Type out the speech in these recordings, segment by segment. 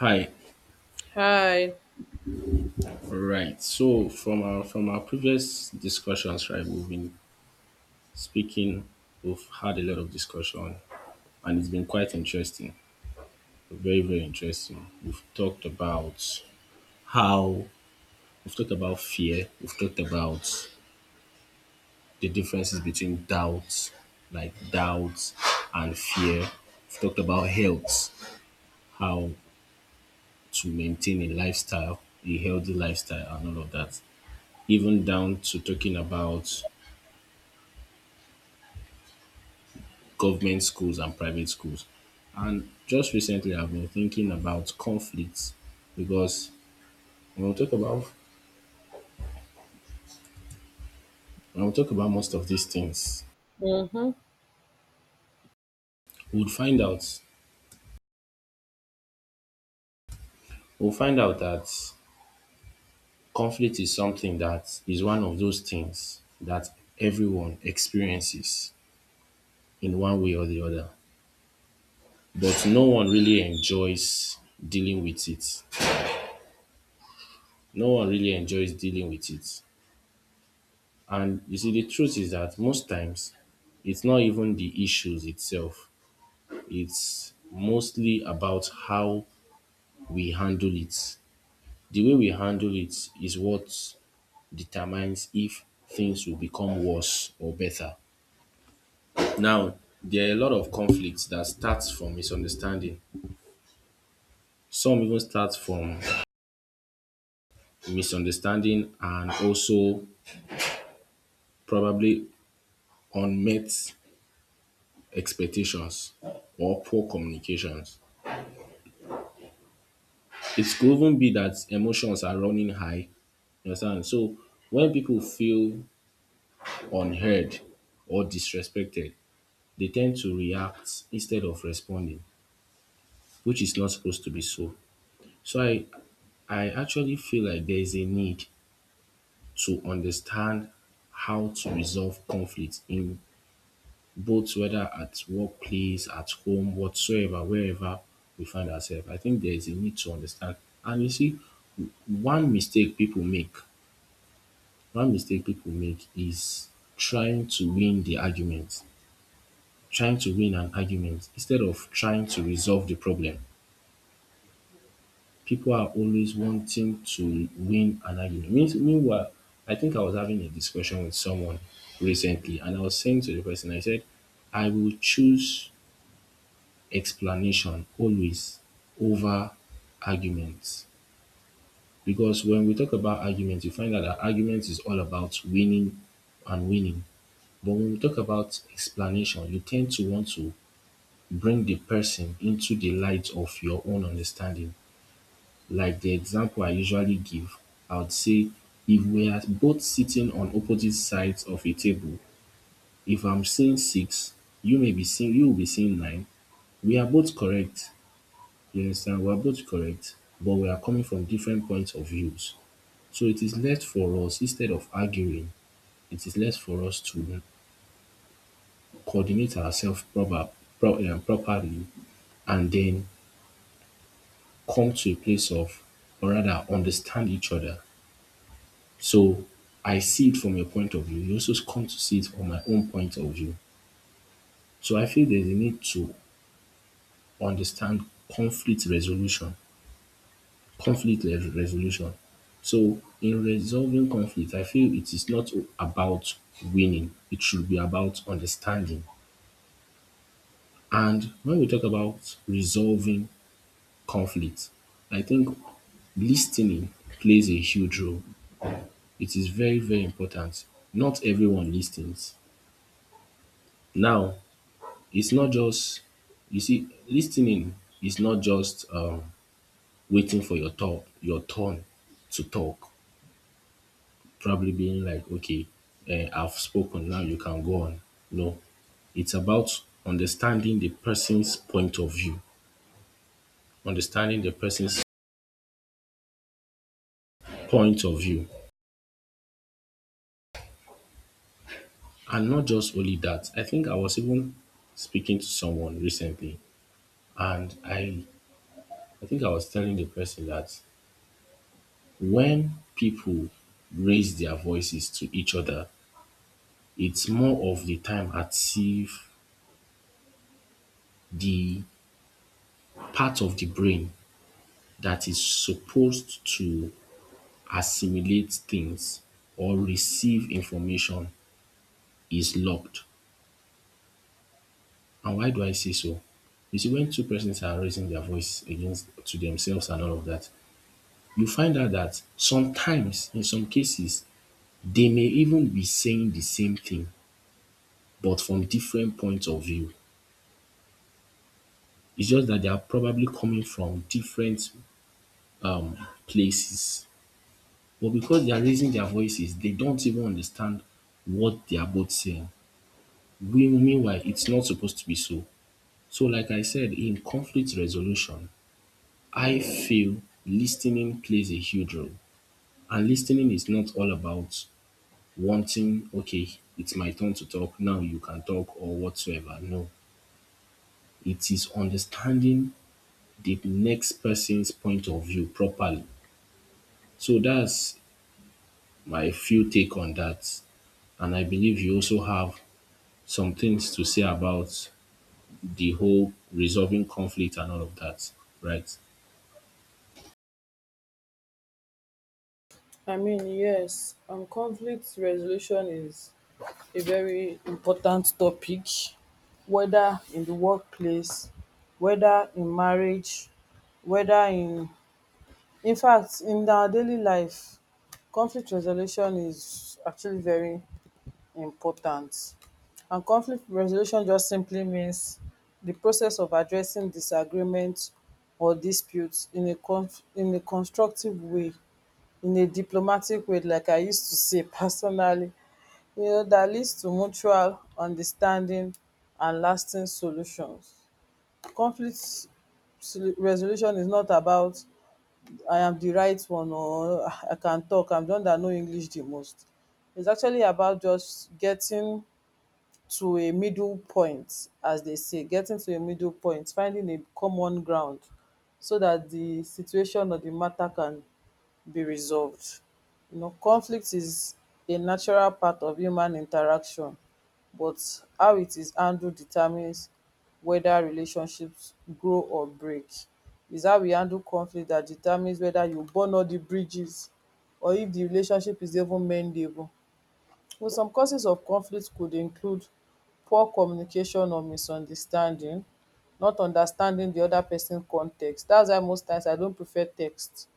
Hi. Hi. Right. So from our previous discussions, right, we've been speaking. We've had a lot of discussion, and it's been quite interesting. Very, very interesting. How we've talked about fear. We've talked about the differences between doubt and fear. We've talked about health, how to maintain a healthy lifestyle, and all of that. Even down to talking about government schools and private schools. And just recently, I've been thinking about conflicts because when we talk about when we talk about most of these things, Mm-hmm. we'll find out we'll find out that conflict is something that is one of those things that everyone experiences in one way or the other. But no one really enjoys dealing with it. No one really enjoys dealing with it. And you see, the truth is that most times it's not even the issues itself, it's mostly about how we handle it. The way we handle it is what determines if things will become worse or better. Now, there are a lot of conflicts that starts from misunderstanding. Some even start from misunderstanding and also probably unmet expectations or poor communications. It could even be that emotions are running high. You understand? So when people feel unheard or disrespected, they tend to react instead of responding, which is not supposed to be so. So I actually feel like there is a need to understand how to resolve conflict in both whether at workplace, at home, whatsoever, wherever we find ourselves. I think there is a need to understand. And you see, one mistake people make One mistake people make is trying to win the argument, trying to win an argument instead of trying to resolve the problem. People are always wanting to win an argument. Meanwhile, I think I was having a discussion with someone recently, and I was saying to the person, I said, I will choose explanation always over arguments. Because when we talk about arguments, you find out that arguments is all about winning and winning. But when we talk about explanation, you tend to want to bring the person into the light of your own understanding. Like the example I usually give, I would say if we are both sitting on opposite sides of a table, if I'm seeing six, you will be seeing nine. We are both correct. You understand? We are both correct, but we are coming from different points of views. So it is less for us, instead of arguing, it is less for us to coordinate ourselves proper, properly, and then come to a place of or rather, understand each other. So I see it from your point of view. You also come to see it from my own point of view. So I feel there's a need to understand conflict resolution, conflict resolution. So in resolving conflict, I feel it is not about winning. It should be about understanding. And when we talk about resolving conflict, I think listening plays a huge role. It is very, very important. Not everyone listens. Now, it's not just you see, Listening is not just waiting for your turn to talk. Probably being like, okay, I've spoken, now you can go on. No. It's about understanding the person's point of view. Understanding the person's point of view. And not just only that, I think I was even speaking to someone recently, and I think I was telling the person that when people raise their voices to each other, it's more of the time as if the part of the brain that is supposed to assimilate things or receive information is locked. And why do I say so? You see, when two persons are raising their voice against to themselves and all of that, you find out that sometimes, in some cases, they may even be saying the same thing but from different points of view. It's just that they are probably coming from different places. But because they are raising their voices, they don't even understand what they are both saying. Meanwhile, it's not supposed to be so. So, like I said, in conflict resolution, I feel listening plays a huge role. And listening is not all about wanting, okay, it's my turn to talk, now you can talk, or whatsoever. No, it is understanding the next person's point of view properly. So that's my few take on that. And I believe you also have some things to say about the whole resolving conflict and all of that, right? I mean, yes, conflict resolution is a very important topic, whether in the workplace, whether in marriage, whether in fact, in our daily life, conflict resolution is actually very important. And conflict resolution just simply means the process of addressing disagreement or disputes in in a constructive way, in a diplomatic way, like I used to say personally, that leads to mutual understanding and lasting solutions. Conflict resolution is not about I am the right one or I can talk, I'm the one that know English the most. It's actually about just getting to a middle point, as they say, getting to a middle point, finding a common ground so that the situation or the matter can be resolved. You know, conflict is a natural part of human interaction, but how it is handled determines whether relationships grow or break. Is how we handle conflict that determines whether you burn all the bridges, or if the relationship is even mendable. Well, some causes of conflict could include poor communication or misunderstanding, not understanding the other person context. That's why most times I don't prefer text.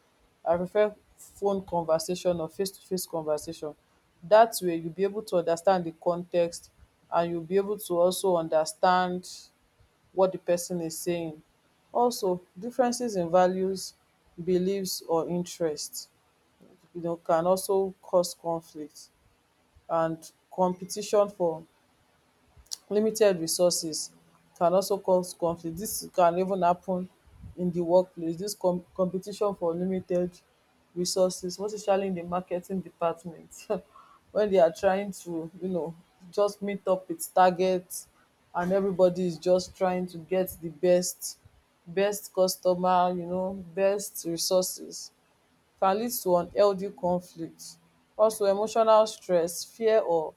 I prefer phone conversation or face to face conversation. That way you'll be able to understand the context, and you'll be able to also understand what the person is saying. Also, differences in values, beliefs or interests, can also cause conflict, and competition for limited resources can also cause conflict. Dis can even happen in the workplace. Dis competition for limited resources, most especially in the marketing department, when they are trying to just meet up with targets, and everybody is just trying to get the best customer, best resources, can lead to unhealthy conflict. Also, emotional stress, fear or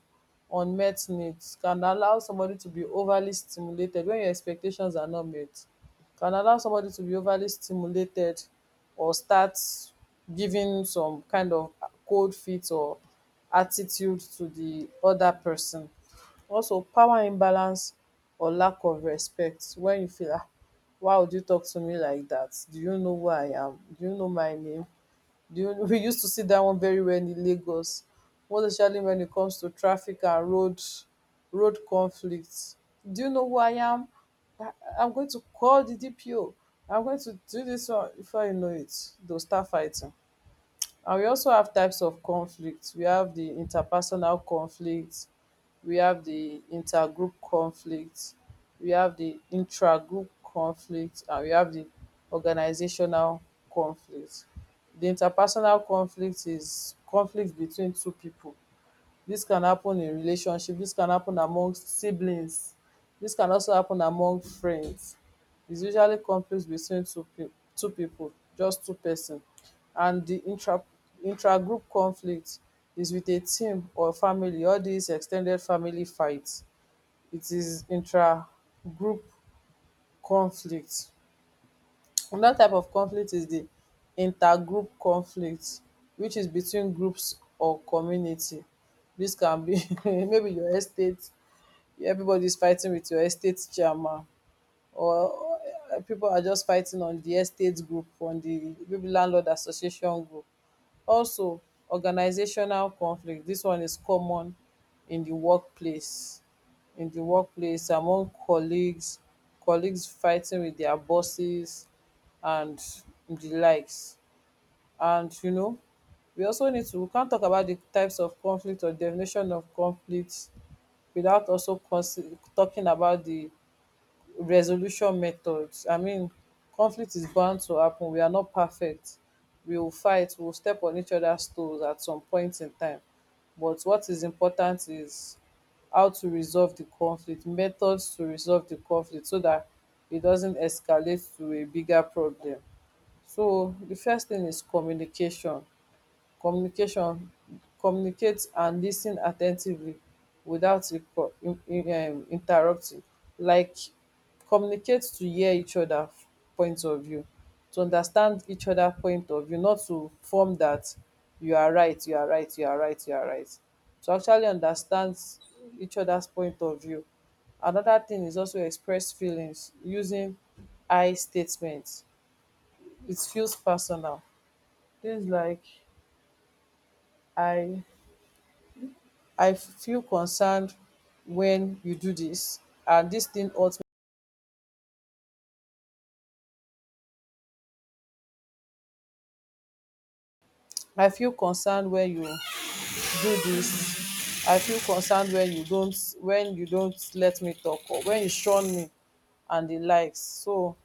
unmet needs can allow somebody to be overly stimulated when your expectations are not met. Can allow somebody to be overly stimulated, or start giving some kind of cold feet or attitude to the other person. Also, power imbalance or lack of respect. When you feel, why would you talk to me like that? Do you know who I am? Do you know my name? We used to see that one very well in Lagos, most especially when it comes to traffic and road conflicts. Do you know who I am? I, I'm going to call the DPO. I'm going to do this one. Before you know it, they'll start fighting. And we also have types of conflicts. We have the interpersonal conflict, we have the intergroup conflict, we have the intragroup conflict, and we have the organizational conflict. The interpersonal conflict is conflict between two people. Dis can happen in relationship, dis can happen among siblings, dis can also happen among friends. It's usually conflict between two pipu, just two pesin, and di intra group conflict is wit a team or family. All dis ex ten ded family fight, it is intra group conflict. Another type of conflict is di intergroup conflict, which is between groups or community. Dis can be, maybe your estate, everybody is fighting with your estate chairman. Or, people are just fighting on the estate group, on the maybe landlord association group. Also, organizational conflict, this one is common in the workplace, among colleagues fighting with their bosses, and the likes. And we also need to we can't talk about the types of conflict or definition of conflict without also talking about the resolution methods. I mean, conflict is bound to happen. We are not perfect. We will fight. We will step on each other's toes at some point in time. But what is important is how to resolve the conflict, methods to resolve the conflict so that it doesn't escalate to a bigger problem. So the first thing is communication, communication communicate and lis ten at ten tively without interrupting, like, communicate to hear each other point of view, to understand each other point of view, not to form that you are right, you are right, you are right, you are right. To actually understand each other's point of view. Another thing is also, express feelings using I statements. It feels personal. Things like I I feel concerned wen you do dis, and dis thing hurt me. I feel concerned wen you do dis. I feel concerned wen you don't let me talk, or wen you shun me, and di likes. So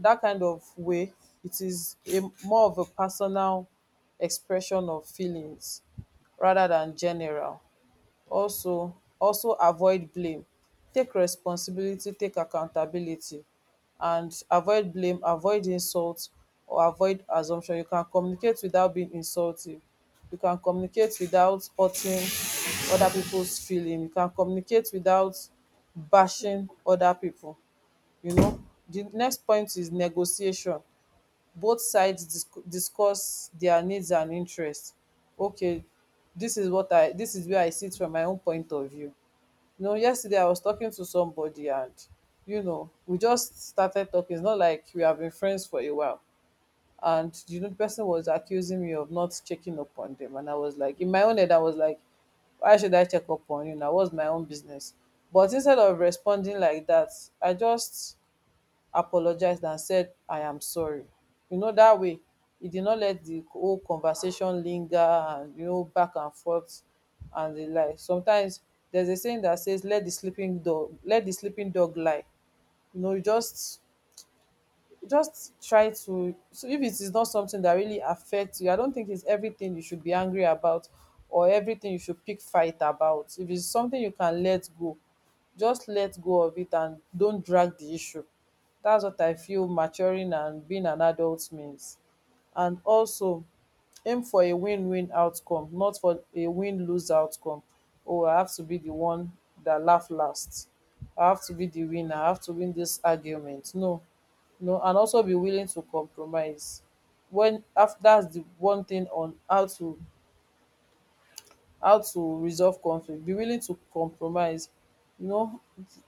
dat kind of way, it is a more of a personal expression of feelings rather than general. Also, avoid blame. Take responsibility, take accountability, and avoid blame, avoid insult, or avoid assumption. You can communicate without being insulting, you can communicate without hurting other people's feeling, you can communicate without bashing other people you know the next point is negotiation. Both sides discuss their needs and interests. Okay, this is where I sit from my own point of view. You know, yesterday I was talking to somebody, and we just started talking. It's not like we have been friends for a while. And the person was accusing me of not checking up on them. And I was like, in my own head, I was like, why should I check up on you now? What's my own business? But instead of responding like that, I just apologized and said, I am sorry. That way, he did not let the whole conversation linger, and back and forth and the like. Sometimes there's a saying that says, let the sleeping dog lie. You just try to, so if it is not something that really affects you, I don't think it's everything you should be angry about, or everything you should pick fight about. If it's something you can let go, just let go of it and don't drag the issue. That's what I feel maturing and being an adult means. And also, aim for a win-win outcome, not for a win-lose outcome. Oh, I have to be the one that laugh last. I have to be the winner. I have to win this argument. No, no, and also be willing to compromise. When after, that's the one thing on how to, resolve conflict, be willing to compromise. You know,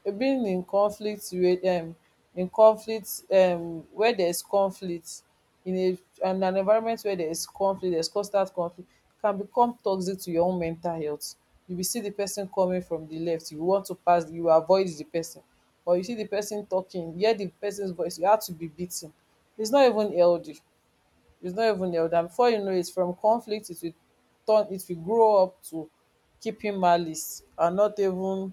being in conflict with, in conflict, where there's conflict, in an environment where there is conflict, there's constant conflict, can become toxic to your own mental health. You will see the person coming from the left, you want to pass, you avoid the person. Or you see the person talking, hear the person's voice, you have to be beaten. It's not even healthy, it's not even the elder, before you know it, from conflict, it will grow up to keeping malice and not even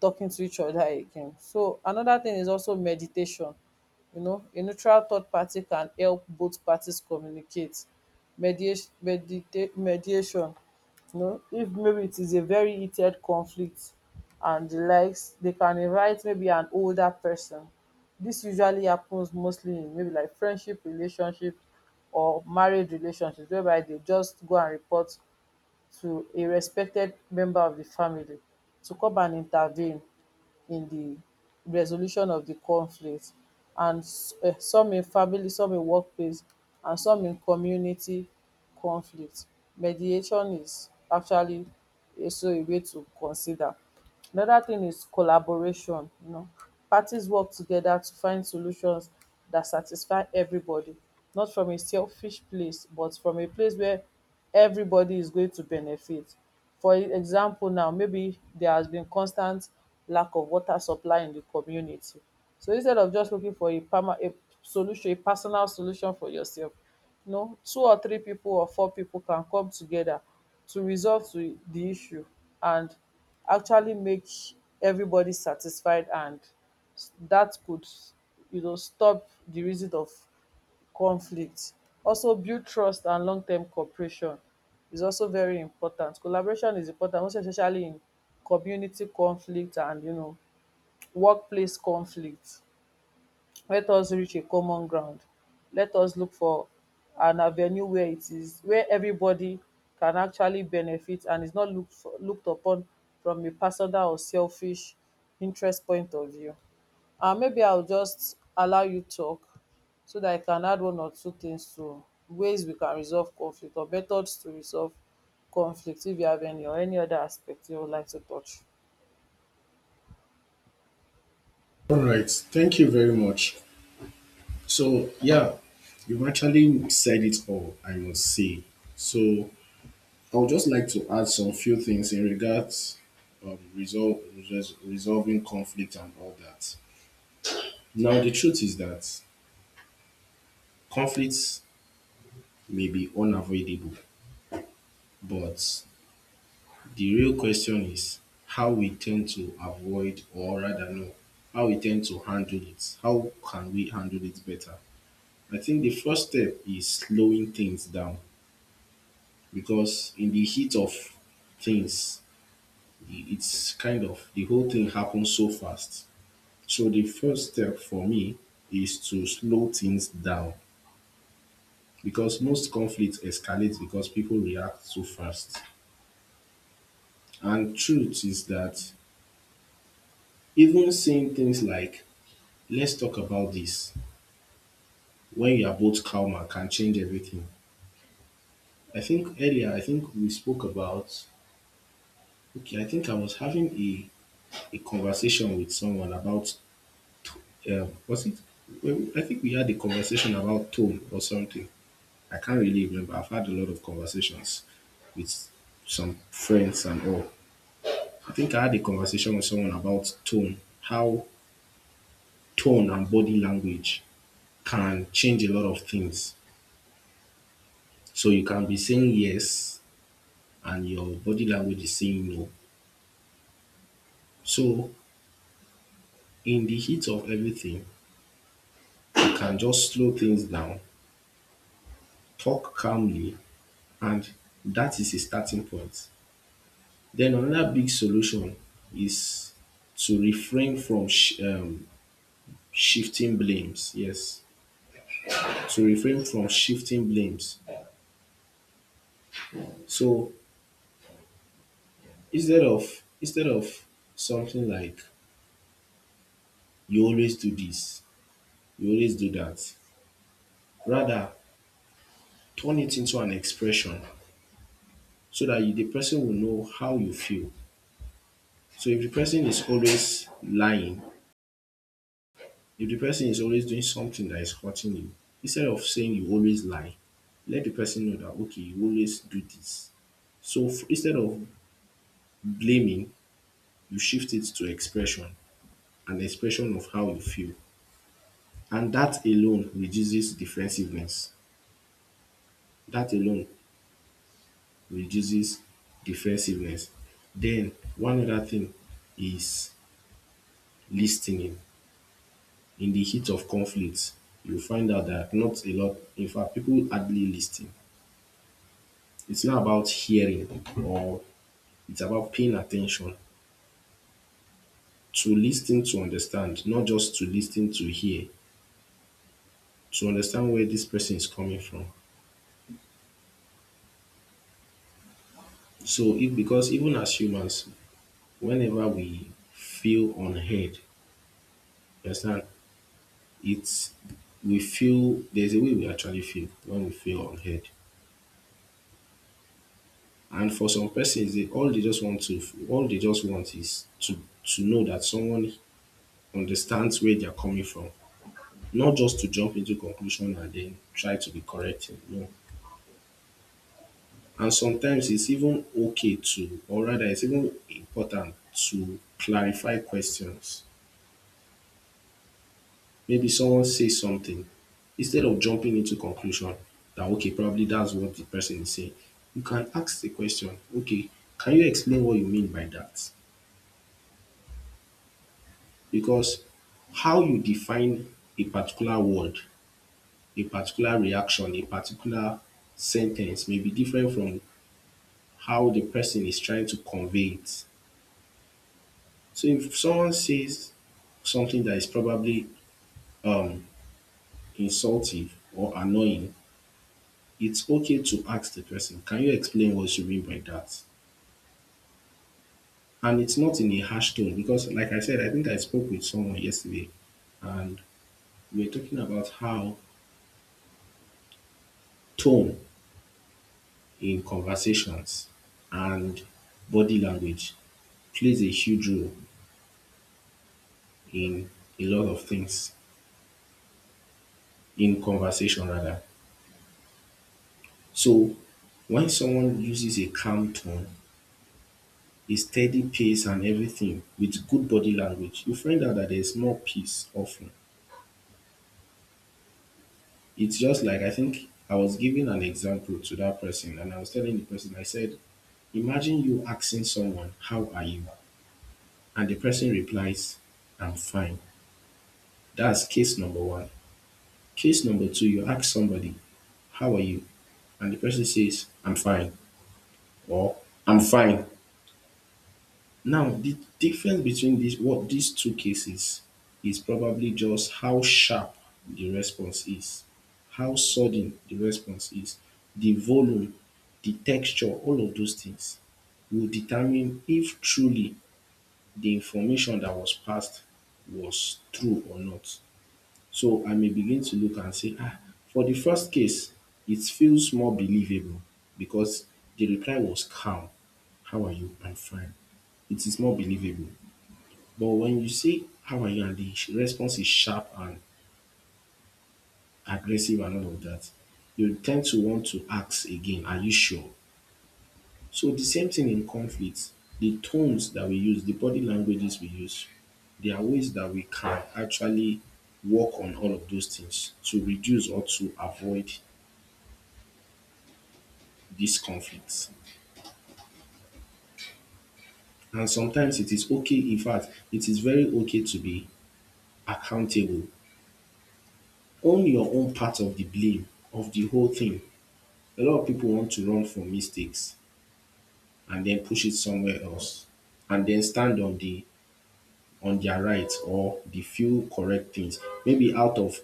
talking to each other again. So another thing is also meditation. You know, a neutral third party can help both parties communicate. Mediation, mediation. You know, if maybe it is a very heated conflict and the likes, they can invite maybe an older person. This usually happens mostly in maybe like friendship relationship, or married relationships, whereby they just go and report to a respected member of the family to come and intervene in the resolution of the conflict, and some in family, some in workplace, and some in community conflict. Mediation is actually also a way to consider. Another thing is collaboration, you know. Parties work together to find solutions that satisfy everybody, not from a selfish place, but from a place where everybody is going to benefit. For example, now, maybe there has been constant lack of water supply in the community. So instead of just looking for a solution, a personal solution for yourself, no, two or three people or four people can come together to resolve to the issue and actually make everybody satisfied, and that could, stop the reason of conflict. Also, build trust, and long-term cooperation is also very important. Collaboration is important, most especially in community conflict and workplace conflict. Let us reach a common ground, let us look for an avenue where it is where everybody can actually benefit, and is not looked upon from a personal or selfish interest point of view. And maybe I'll just allow you talk so that I can add one or two things to ways we can resolve conflict, or methods to resolve conflict, if you have any or any other aspect you would like to touch. All right. Thank you very much. So, yeah, you've actually said it all, I must say. So, I would just like to add some few things in regards um, resolve, resolving conflict and all that. Now, the truth is that conflicts may be unavoidable, but the real question is how we tend to avoid, or rather, no, how we tend to handle it. How can we handle it better? I think the first step is slowing things down because in the heat of things, it's kind of the whole thing happens so fast. So the first step for me is to slow things down because most conflicts escalate because people react too fast. And truth is that even saying things like, let's talk about this when you are both calmer can change everything. I think earlier, I think we spoke about, okay, I think I was having a conversation with someone about, was it? Well, I think we had a conversation about tone or something. I can't really remember. I've had a lot of conversations with some friends and all. I think I had a conversation with someone about tone, how tone and body language can change a lot of things. So you can be saying yes and your body language is saying no. So in the heat of everything, you can just slow things down, talk calmly, and that is a starting point. Then another big solution is to refrain from shifting blames. Yes, to refrain from shifting blames. So instead of something like you always do this, you always do that, rather turn it into an expression so that the person will know how you feel. So if the person is always lying, if the person is always doing something that is hurting you, instead of saying you always lie, let the person know that okay, you always do this. So instead of blaming, you shift it to expression. An expression of how you feel. And that alone reduces defensiveness. That alone reduces defensiveness. Then one other thing is listening. In the heat of conflict, you find out that not a lot, in fact, people hardly listen. It's not about hearing, or it's about paying attention. To listen to understand, not just to listen to hear, to understand where this person is coming from. So if because even as humans, whenever we feel unheard, you understand, it's we feel there's a way we actually feel when we feel unheard. And for some persons, they all they just want to all they just want is to know that someone understands where they're coming from, not just to jump into conclusion and then try to be correcting. No. And sometimes it's even or rather, it's even important to clarify questions. Maybe someone says something, instead of jumping into conclusion that okay, probably that's what the person is saying, you can ask the question, okay, can you explain what you mean by that? Because how you define a particular word, a particular reaction, a particular sentence may be different from how the person is trying to convey it. So if someone says something that is probably insultive or annoying, it's okay to ask the person, can you explain what you mean by that? And it's not in a harsh tone because, like I said, I think I spoke with someone yesterday and we were talking about how tone in conversations and body language plays a huge role in a lot of things, in conversation rather. So when someone uses a calm tone, a steady pace and everything with good body language, you find out that there's more peace often. It's just like I think I was giving an example to that person, and I was telling the person, I said, Imagine you asking someone, How are you? And the person replies, I'm fine. That's case number one. Case number two, you ask somebody, How are you? And the person says, I'm fine, or I'm fine. Now, the difference between these two cases is probably just how sharp the response is, how sudden the response is, the volume, the texture, all of those things will determine if truly the information that was passed was true or not. So I may begin to look and say, ah, for the first case it feels more believable because the reply was calm. How are you? I'm fine. It is more believable. But when you say, how are you? And the response is sharp and aggressive and all of that, you tend to want to ask again, are you sure? So the same thing in conflict, the tones that we use, the body languages we use, there are ways that we can actually work on all of those things to reduce or to avoid these conflicts. And sometimes it is okay, in fact, it is very okay to be accountable. Own your own part of the blame of the whole thing. A lot of people want to run from mistakes and then push it somewhere else and then stand on the on their right or the few correct things. Maybe out of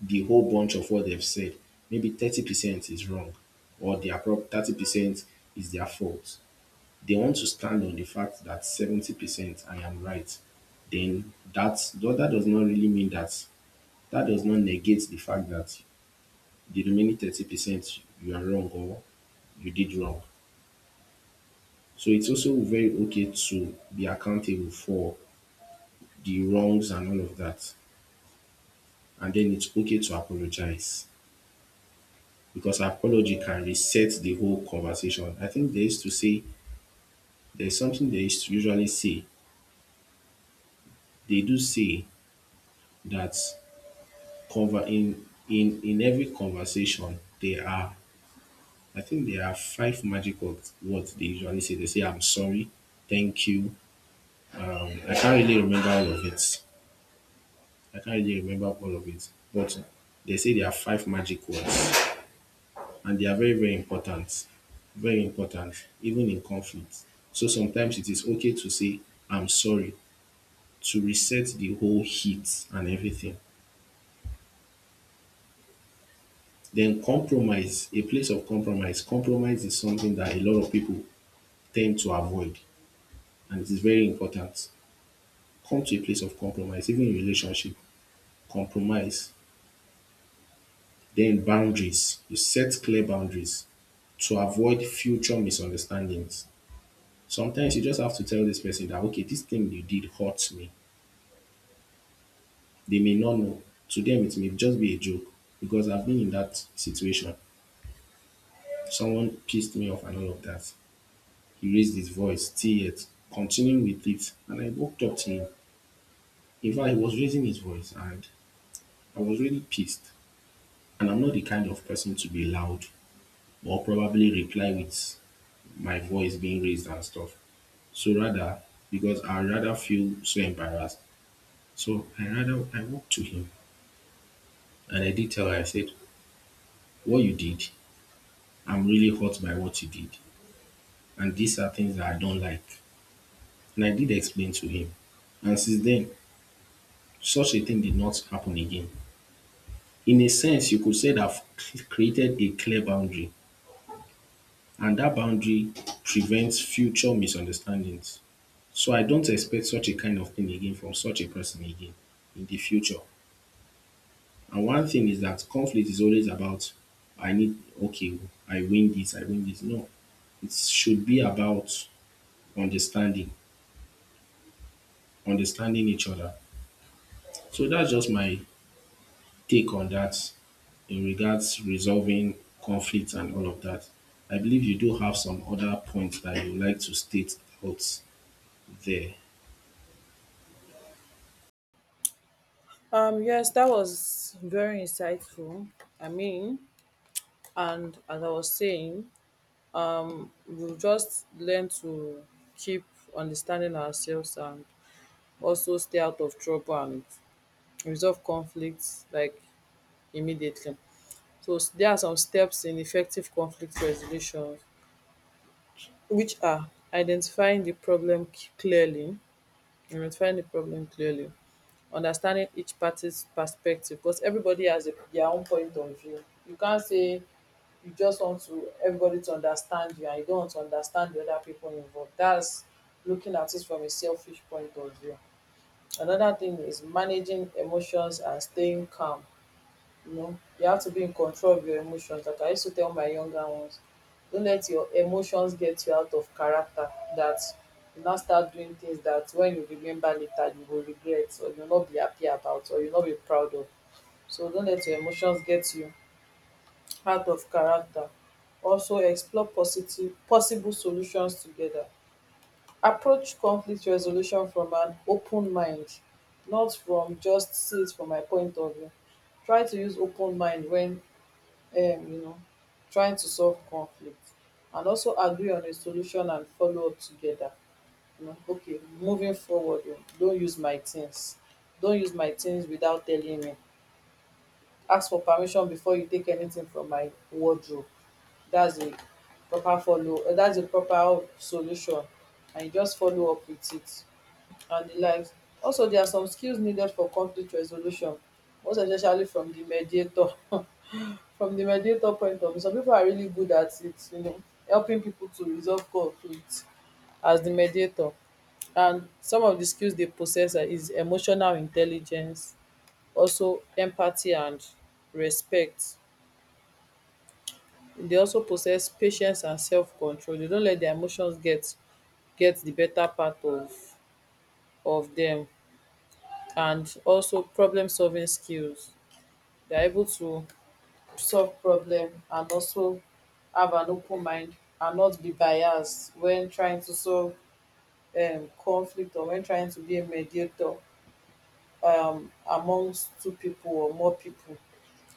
the whole bunch of what they've said, maybe 30% is wrong, or their prob 30% is their fault. They want to stand on the fact that 70% I am right. Though that does not really mean that, that does not negate the fact that the remaining 30% you are wrong, or you did wrong. So it's also very okay to be accountable for the wrongs and all of that. And then it's okay to apologize because apology can reset the whole conversation. I think they used to say, there's something they used to usually say. They do say that cover in every conversation there are, I think there are, five magic words they usually say. They say I'm sorry, thank you. I can't really remember all of it. I can't really remember all of it, but they say there are five magic words, and they are very, very important. Very important, even in conflict. So sometimes it is okay to say, I'm sorry, to reset the whole heat and everything. Then compromise, a place of compromise. Compromise is something that a lot of people tend to avoid, and it is very important. Come to a place of compromise, even in relationship. Compromise. Then boundaries. You set clear boundaries to avoid future misunderstandings. Sometimes you just have to tell this person that, okay, this thing you did hurts me. They may not know. To them, it may just be a joke because I've been in that situation. Someone pissed me off and all of that. He raised his voice, still yet, continuing with it. And I walked up to him. In fact, he was raising his voice and I was really pissed. And I'm not the kind of person to be loud or probably reply with my voice being raised and stuff. So rather, because I rather feel so embarrassed, so I walked to him and I did tell her, I said, what you did, I'm really hurt by what you did. And these are things that I don't like. And I did explain to him. And since then, such a thing did not happen again. In a sense, you could say that I've created a clear boundary, and that boundary prevents future misunderstandings. So I don't expect such a kind of thing again from such a person again in the future. And one thing is that conflict is always about I need, okay, I win this. No, it should be about understanding, understanding each other. So that's just my take on that in regards resolving conflicts and all of that. I believe you do have some other points that you would like to state out there. Yes, that was very insightful. I mean, and as I was saying, we'll just learn to keep understanding ourselves, and also stay out of trouble and resolve conflicts like immediately. There are some steps in effective conflict resolution, which are identifying the problem clearly, identifying the problem clearly, understanding each party's perspective, because everybody has their own point of view. You can't say you just want to everybody to understand you and you don't want to understand the other people involved. That's looking at it from a selfish point of view. Another thing is managing emotions and staying calm. You know, you have to be in control of your emotions. Like I used to tell my younger ones, don't let your emotions get you out of character, that you now start doing things that when you remember later you will regret or you'll not be happy about or you'll not be proud of. So don't let your emotions get you out of character, also explore positive possible solutions together, approach conflict resolution from an open mind, not from just see it from my point of view, try to use open mind when um you know trying to solve conflict, and also agree on a solution and follow up together. You know, okay, moving forward o, don't use my things, don't use my things without telling me, ask for permission before you take anything from my wardrobe. That's a proper follow that's a proper solution, and you just follow up with it and the likes. Also, there are some skills needed for conflict resolution, most especially from the mediator from the mediator point of view. Some people are really good at it, you know, helping people to resolve conflict as the mediator. And some of the skills they possess is emotional intelligence, also empathy and respect. Dey also possess patience and selfcontrol, dey no let dia emotions get di beta part of dem, and also problemsolving skills. They are able to solve problem and also have an open mind and not be biased when trying to solve conflict or when trying to be a mediator amongst two people or more people.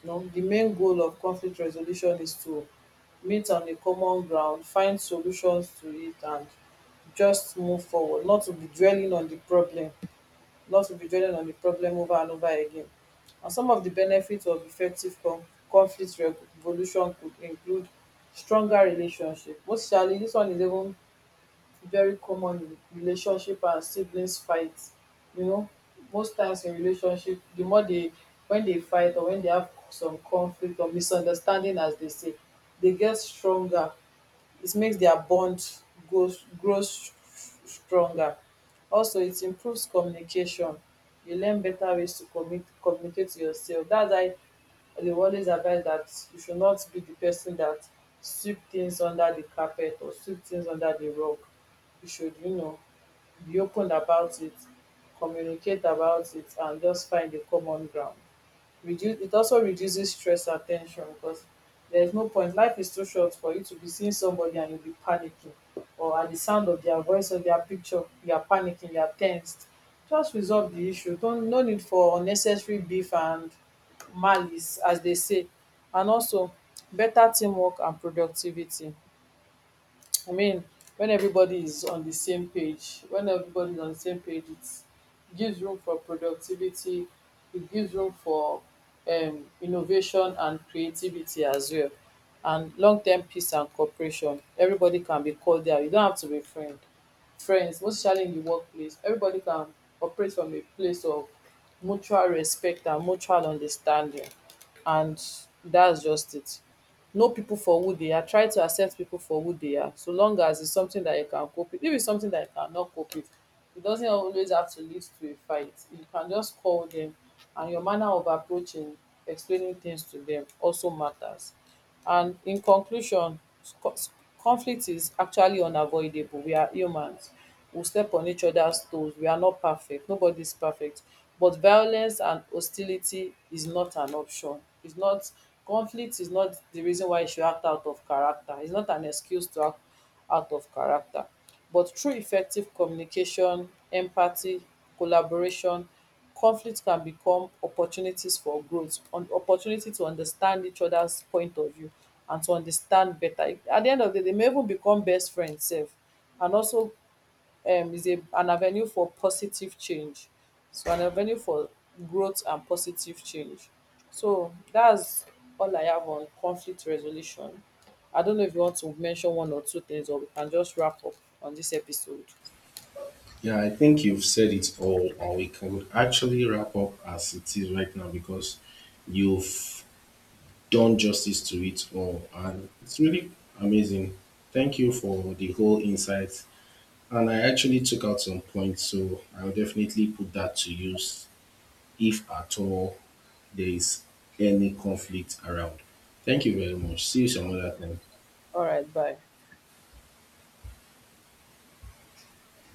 You know, the main goal of conflict resolution is to meet on a common ground, find solutions to it, and just move forward, not to be dwelling on the problem, not to be dwelling on the problem over and over again. And some of the benefits of effective conflict resolution could include stronger relationship. Most surely, this one is even very common in relationship and siblings fight. You know, most times in relationship, the more they, when they fight or when they have some conflict or misunderstanding, as they say, they get stronger. It makes their bond goes grows stronger. Also, it improves communication. You learn better ways to commit communicate to yourself. That's why I dey always advise that you should not be the person that sweep things under the carpet or sweep things under the rug. You should, you know, be open about it, communicate about it, and just find a common ground. Reduce it also reduces stress and tension, because there is no point, life is too short for you to be seeing somebody and you be panicking, or at the sound of their voice or their picture you are panicking, you are tensed. Just resolve the issue, don't, no need for unnecessary beef and malice, as they say. And also, better teamwork and productivity. I mean, when everybody is on the same page, when everybody is on the same page, it gives room for productivity, it gives room for innovation and creativity as well, and long term peace and cooperation. Everybody can be called there. You don't have to be friends, most especially in the workplace. Everybody can operate from a place of mutual respect and mutual understanding, and that's just it. Know people for who they are, try to accept people for who they are, so long as it's something that you can cope with. If it's something that you cannot cope with, it doesn't always have to lead to a fight. You can just call them, and your manner of approaching, explaining things to them also matters. And in conclusion, conflict is actually unavoidable. We are humans, we step on each other's toes, we are not perfect, nobody is perfect, but violence and hostility is not an option, it's not. Conflict is not the reason why you should act out of character, it's not an excuse to act out of character, but through effective communication, empathy, collaboration, conflict can become opportunities for growth, an opportunity to understand each other's point of view and to understand better. At the end of the day, they may even become best friends sef. And also, is an avenue for positive change. So an avenue for growth and positive change. So that's all I have on conflict resolution. I don't know if you want to mention one or two things, or we can just wrap up on this episode. Yeah, I think you've said it all, and we can actually wrap up as it is right now because you've done justice to it all, and it's really amazing. Thank you for the whole insight. And I actually took out some points, so I'll definitely put that to use if at all there is any conflict around. Thank you very much. See you some other time. All right, bye.